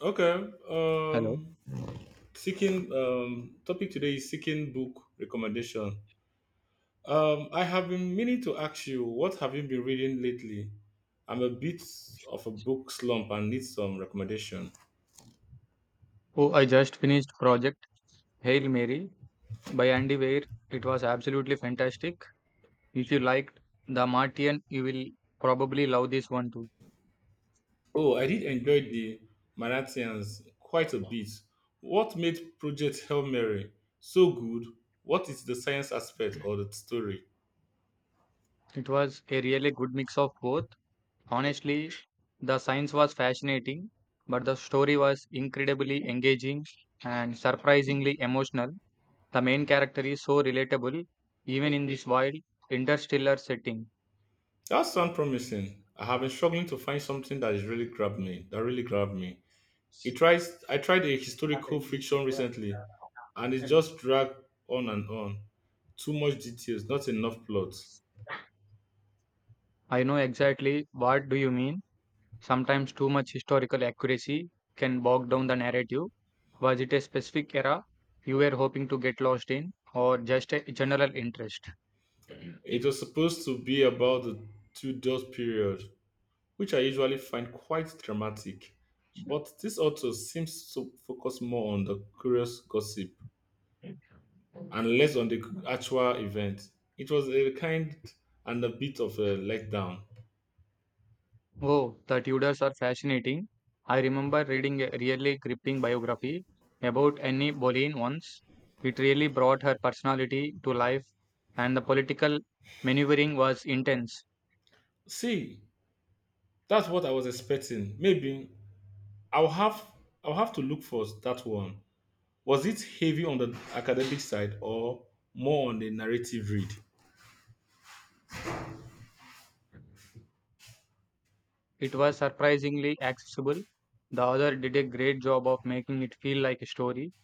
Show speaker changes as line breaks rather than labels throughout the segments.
Okay.
Hello.
Seeking topic today is seeking book recommendation. I have been meaning to ask you, what have you been reading lately? I'm a bit of a book slump and need some recommendation.
Oh, I just finished Project Hail Mary by Where it was fantastic. If you liked the movie, probably love this one too.
Oh, I did enjoy the Manatians quite a bit. What made Project Hail Mary so good? What is the science aspect or the story?
It was a really good mix of both. Honestly, the science was fascinating, but the story was incredibly engaging and surprisingly emotional. The main character is so relatable, even in this wild interstellar setting.
That sounds promising. I have been struggling to find something that is really grabbed me. That really grabbed me. It tries I tried a historical fiction recently, and it just dragged on and on. Too much details, not enough plot.
I know exactly what do you mean. Sometimes too much historical accuracy can bog down the narrative. Was it a specific era you were hoping to get lost in or just a general interest?
It was supposed to be about the Tudor period, which I usually find quite dramatic. But this author seems to focus more on the curious gossip and less on the actual event. It was a kind and a bit of a letdown.
Oh, the Tudors are fascinating. I remember reading a really gripping biography about Anne Boleyn once. It really brought her personality to life and the political maneuvering was intense.
See, that's what I was expecting. Maybe I'll have I'll have to look for that one. Was it heavy on the academic side or more on the narrative read?
It was surprisingly accessible. The author did a great job of making it feel like a story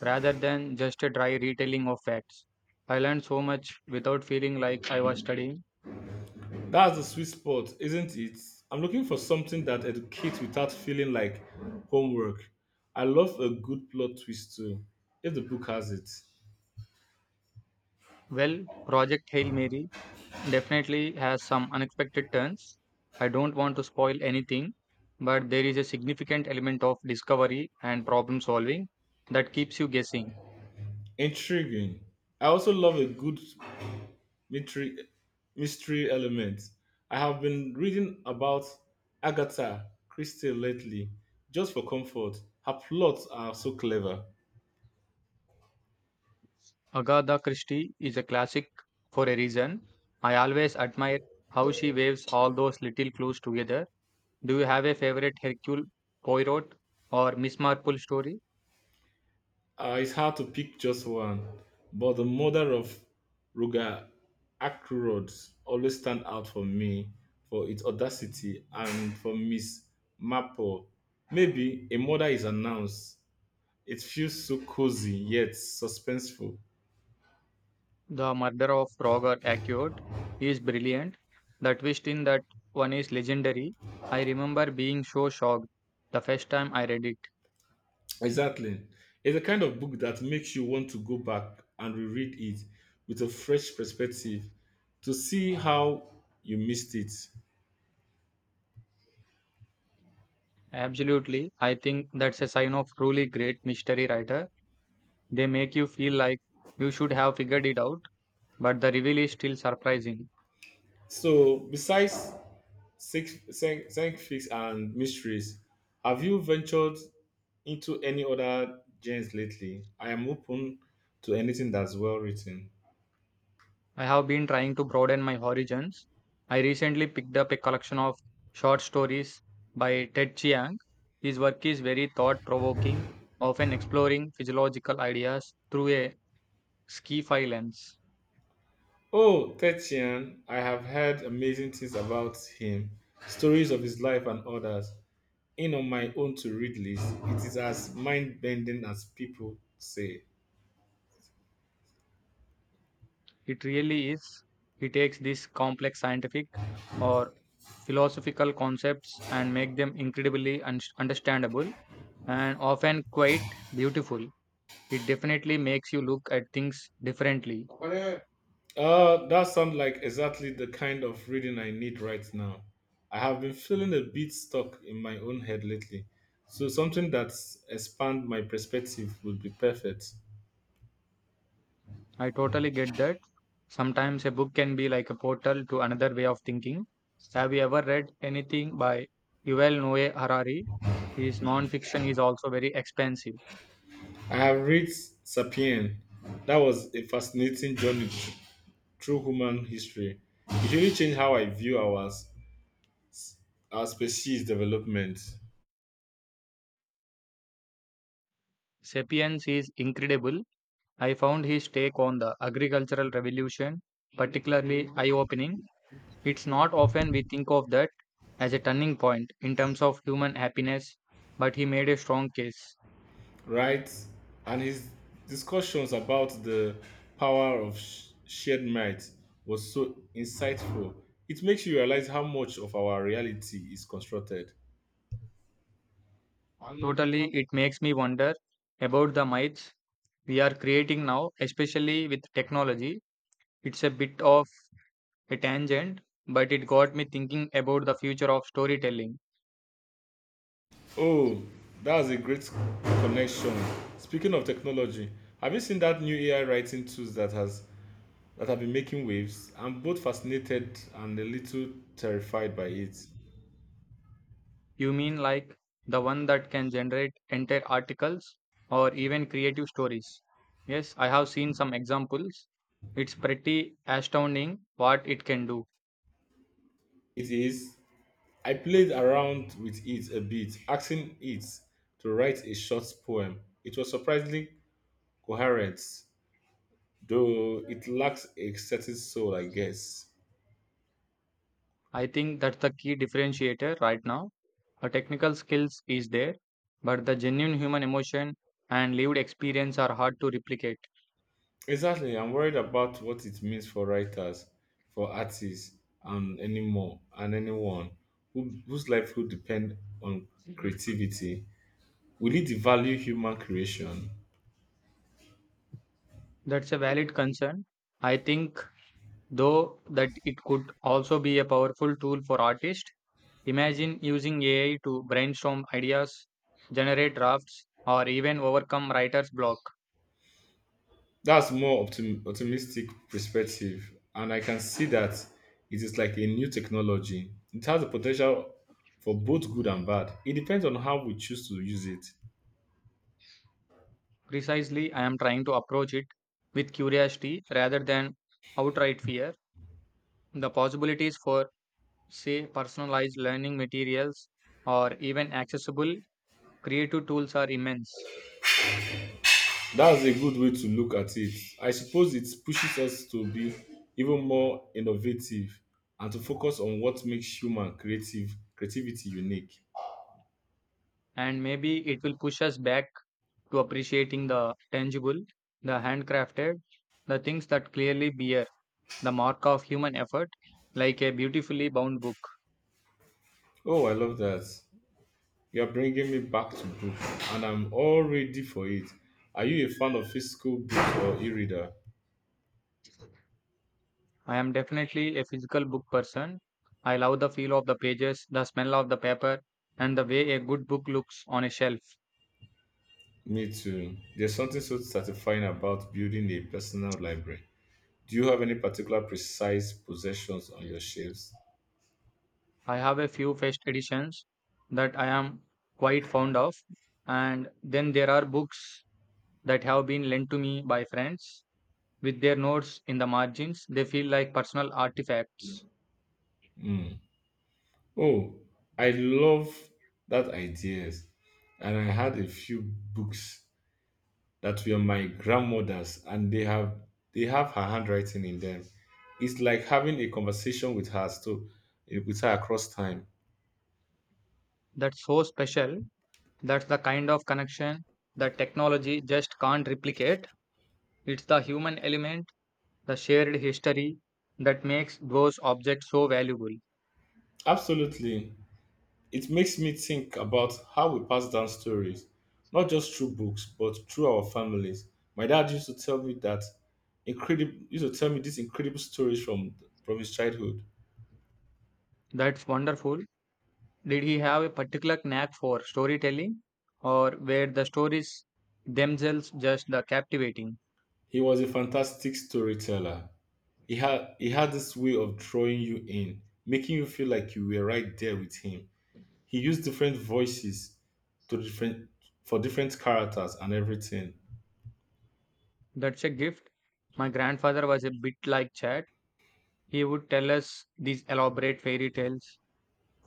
rather than just a dry retelling of facts. I learned so much without feeling like I was studying.
That's the sweet spot, isn't it? I'm looking for something that educates without feeling like homework. I love a good plot twist too, if the book has it.
Well, Project Hail Mary definitely has some unexpected turns. I don't want to spoil anything, but there is a significant element of discovery and problem solving that keeps you guessing.
Intriguing. I also love a good mystery, mystery element. I have been reading about Agatha Christie lately, just for comfort. Her plots are so clever.
Agatha Christie is a classic for a reason. I always admire how she waves all those little clues together. Do you have a favorite Hercule Poirot or Miss Marple story?
It's hard to pick just one, but the mother of Ruga Akrod always stand out for me for its audacity, and for Miss Maple. Maybe a mother is announced. It feels so cozy yet suspenseful.
The murder of Roger Ackroyd is brilliant. The twist in that one is legendary. I remember being so shocked the first time I read it.
Exactly. It's a kind of book that makes you want to go back and reread it with a fresh perspective to see how you missed it.
Absolutely. I think that's a sign of truly great mystery writer. They make you feel like you should have figured it out, but the reveal is still surprising.
So, besides Six science and mysteries. Have you ventured into any other genres lately? I am open to anything that's well written.
I have been trying to broaden my horizons. I recently picked up a collection of short stories by Ted Chiang. His work is very thought provoking, often exploring physiological ideas through a sci fi lens.
Oh, Tetian, I have heard amazing things about him, stories of his life and others. In on my own to read list, it is as mind bending as people say.
It really is. He takes these complex scientific or philosophical concepts and make them incredibly understandable and often quite beautiful. It definitely makes you look at things differently.
That sounds like exactly the kind of reading I need right now. I have been feeling a bit stuck in my own head lately, so something that expands my perspective would be perfect.
I totally get that. Sometimes a book can be like a portal to another way of thinking. Have you ever read anything by Yuval Noah Harari? His non-fiction is also very expansive.
I have read *Sapien*. That was a fascinating journey through human history. It really changed how I view our species development.
Sapiens is incredible. I found his take on the agricultural revolution particularly eye-opening. It's not often we think of that as a turning point in terms of human happiness, but he made a strong case.
Right? And his discussions about the power of shared might was so insightful. It makes you realize how much of our reality is constructed.
Totally, it makes me wonder about the myths we are creating now, especially with technology. It's a bit of a tangent, but it got me thinking about the future of storytelling.
Oh, that's a great connection. Speaking of technology, have you seen that new AI writing tools that has that have been making waves? I'm both fascinated and a little terrified by it.
You mean like the one that can generate entire articles or even creative stories? Yes, I have seen some examples. It's pretty astounding what it can do.
It is I played around with it a bit, asking it to write a short poem. It was surprisingly coherent, though it lacks a certain soul, I guess.
I think that's the key differentiator right now. The technical skills is there, but the genuine human emotion and lived experience are hard to replicate.
Exactly, I'm worried about what it means for writers, for artists, and anyone whose life would depend on creativity. Will it devalue human creation?
That's a valid concern. I think, though, that it could also be a powerful tool for artists. Imagine using AI to brainstorm ideas, generate drafts, or even overcome writer's block.
That's more optimistic perspective, and I can see that it is like a new technology. It has the potential for both good and bad. It depends on how we choose to use it.
Precisely, I am trying to approach it with curiosity rather than outright fear. The possibilities for, say, personalized learning materials or even accessible creative tools are immense.
That's a good way to look at it. I suppose it pushes us to be even more innovative and to focus on what makes human creative creativity unique.
And maybe it will push us back to appreciating the tangible, the handcrafted, the things that clearly bear the mark of human effort, like a beautifully bound book.
Oh, I love that. You're bringing me back to book, and I'm all ready for it. Are you a fan of physical books or e-reader?
I am definitely a physical book person. I love the feel of the pages, the smell of the paper, and the way a good book looks on a shelf.
Me too. There's something so satisfying about building a personal library. Do you have any particular precise possessions on your shelves?
I have a few first editions that I am quite fond of, and then there are books that have been lent to me by friends with their notes in the margins. They feel like personal artifacts.
Hmm. Oh, I love that idea. And I had a few books that were my grandmother's, and they have her handwriting in them. It's like having a conversation with her, so with her across time.
That's so special. That's the kind of connection that technology just can't replicate. It's the human element, the shared history that makes those objects so valuable.
Absolutely. It makes me think about how we pass down stories, not just through books, but through our families. My dad used to tell me these incredible stories from his childhood.
That's wonderful. Did he have a particular knack for storytelling, or were the stories themselves just the captivating?
He was a fantastic storyteller. He had this way of drawing you in, making you feel like you were right there with him. He used different voices to different for different characters and everything.
That's a gift. My grandfather was a bit like that. He would tell us these elaborate fairy tales,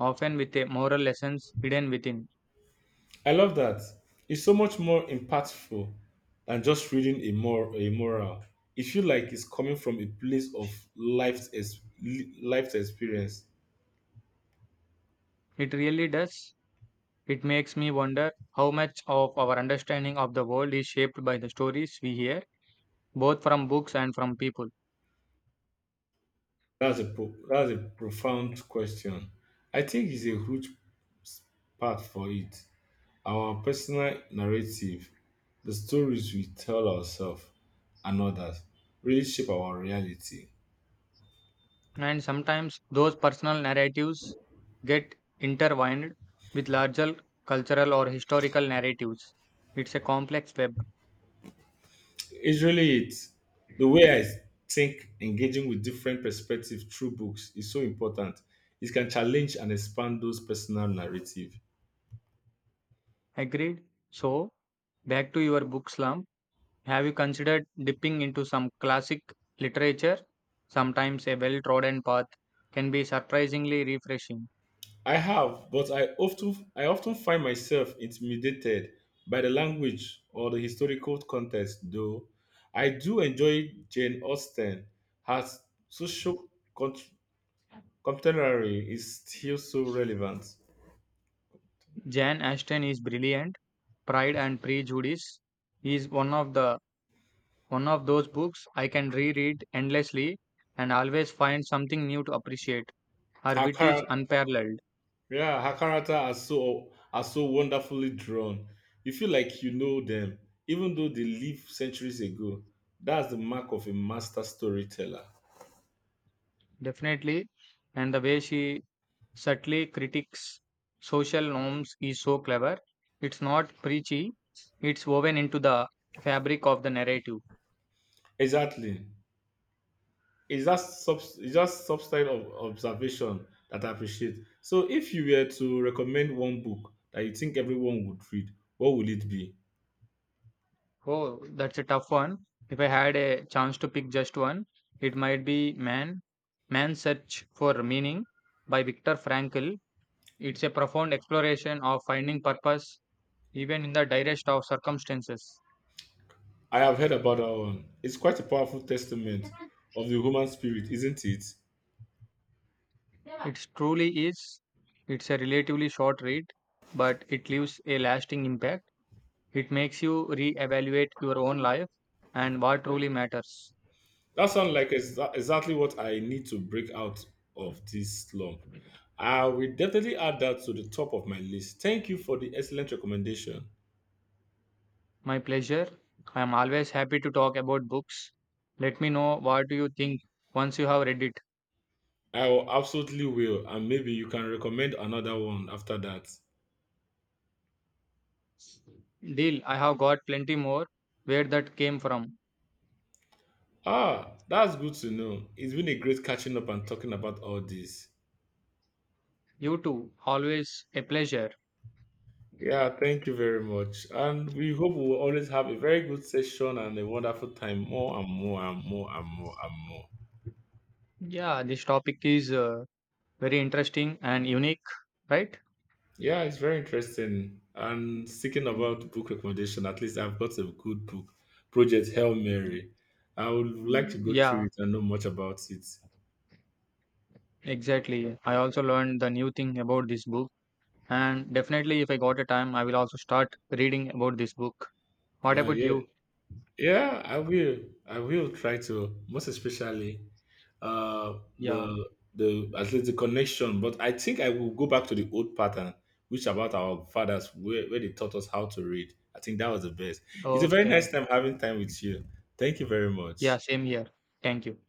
often with a moral lessons hidden within.
I love that. It's so much more impactful than just reading a moral. It feels like it's coming from a place of life's experience.
It really does. It makes me wonder how much of our understanding of the world is shaped by the stories we hear, both from books and from people.
That's a profound question. I think it's a huge part for it. Our personal narrative, the stories we tell ourselves and others, really shape our reality.
And sometimes those personal narratives get intertwined with larger cultural or historical narratives. It's a complex web.
It's really it. The way I think engaging with different perspectives through books is so important. It can challenge and expand those personal narrative.
Agreed? So, back to your book slump. Have you considered dipping into some classic literature? Sometimes a well trodden path can be surprisingly refreshing.
I have, but I often find myself intimidated by the language or the historical context, though I do enjoy Jane Austen. Her social cont- contemporary is still so relevant.
Jan Ashton is brilliant. Pride and Prejudice is one of those books I can reread endlessly and always find something new to appreciate. Her
Her,
wit is
chara-
unparalleled,
Yeah, her character are so wonderfully drawn. You feel like you know them, even though they lived centuries ago. That's the mark of a master storyteller.
definitely, and the way she subtly critiques social norms is so clever. It's not preachy; it's woven into the fabric of the narrative.
Exactly. It's that substance of observation that I appreciate. So, if you were to recommend one book that you think everyone would read, what would it be?
Oh, that's a tough one. If I had a chance to pick just one, it might be Man's Search for Meaning by Viktor Frankl. It's a profound exploration of finding purpose even in the direst of circumstances.
I have heard about that one. It's quite a powerful testament of the human spirit, isn't it?
It truly is. It's a relatively short read, but it leaves a lasting impact. It makes you reevaluate your own life and what truly matters.
That sounds like exactly what I need to break out of this slump. I will definitely add that to the top of my list. Thank you for the excellent recommendation.
My pleasure. I am always happy to talk about books. Let me know what do you think once you have read it.
I will absolutely will, and maybe you can recommend another one after that.
Deal, I have got plenty more where that came from.
Ah, that's good to know. It's been a great catching up and talking about all this.
You too, always a pleasure.
Yeah, thank you very much. And we hope we will always have a very good session and a wonderful time, more and more and more and more and more.
Yeah, this topic is very interesting and unique, right?
Yeah, it's very interesting. And speaking about book recommendation, at least I've got a good book, Project Hail Mary. I would like to go through
Yeah,
it and know much about it.
exactly. I also learned the new thing about this book and definitely if I got a time I will also start reading about this book. What
Uh,
about
yeah,
you?
yeah, I will. I will try to, most especially uh,
Yeah,
the the at least the connection. But I think I will go back to the old pattern, which about our fathers where they taught us how to read. I think that was the best. It's a very
okay.
nice time having time with you. Thank you very much.
Yeah, same here. Thank you.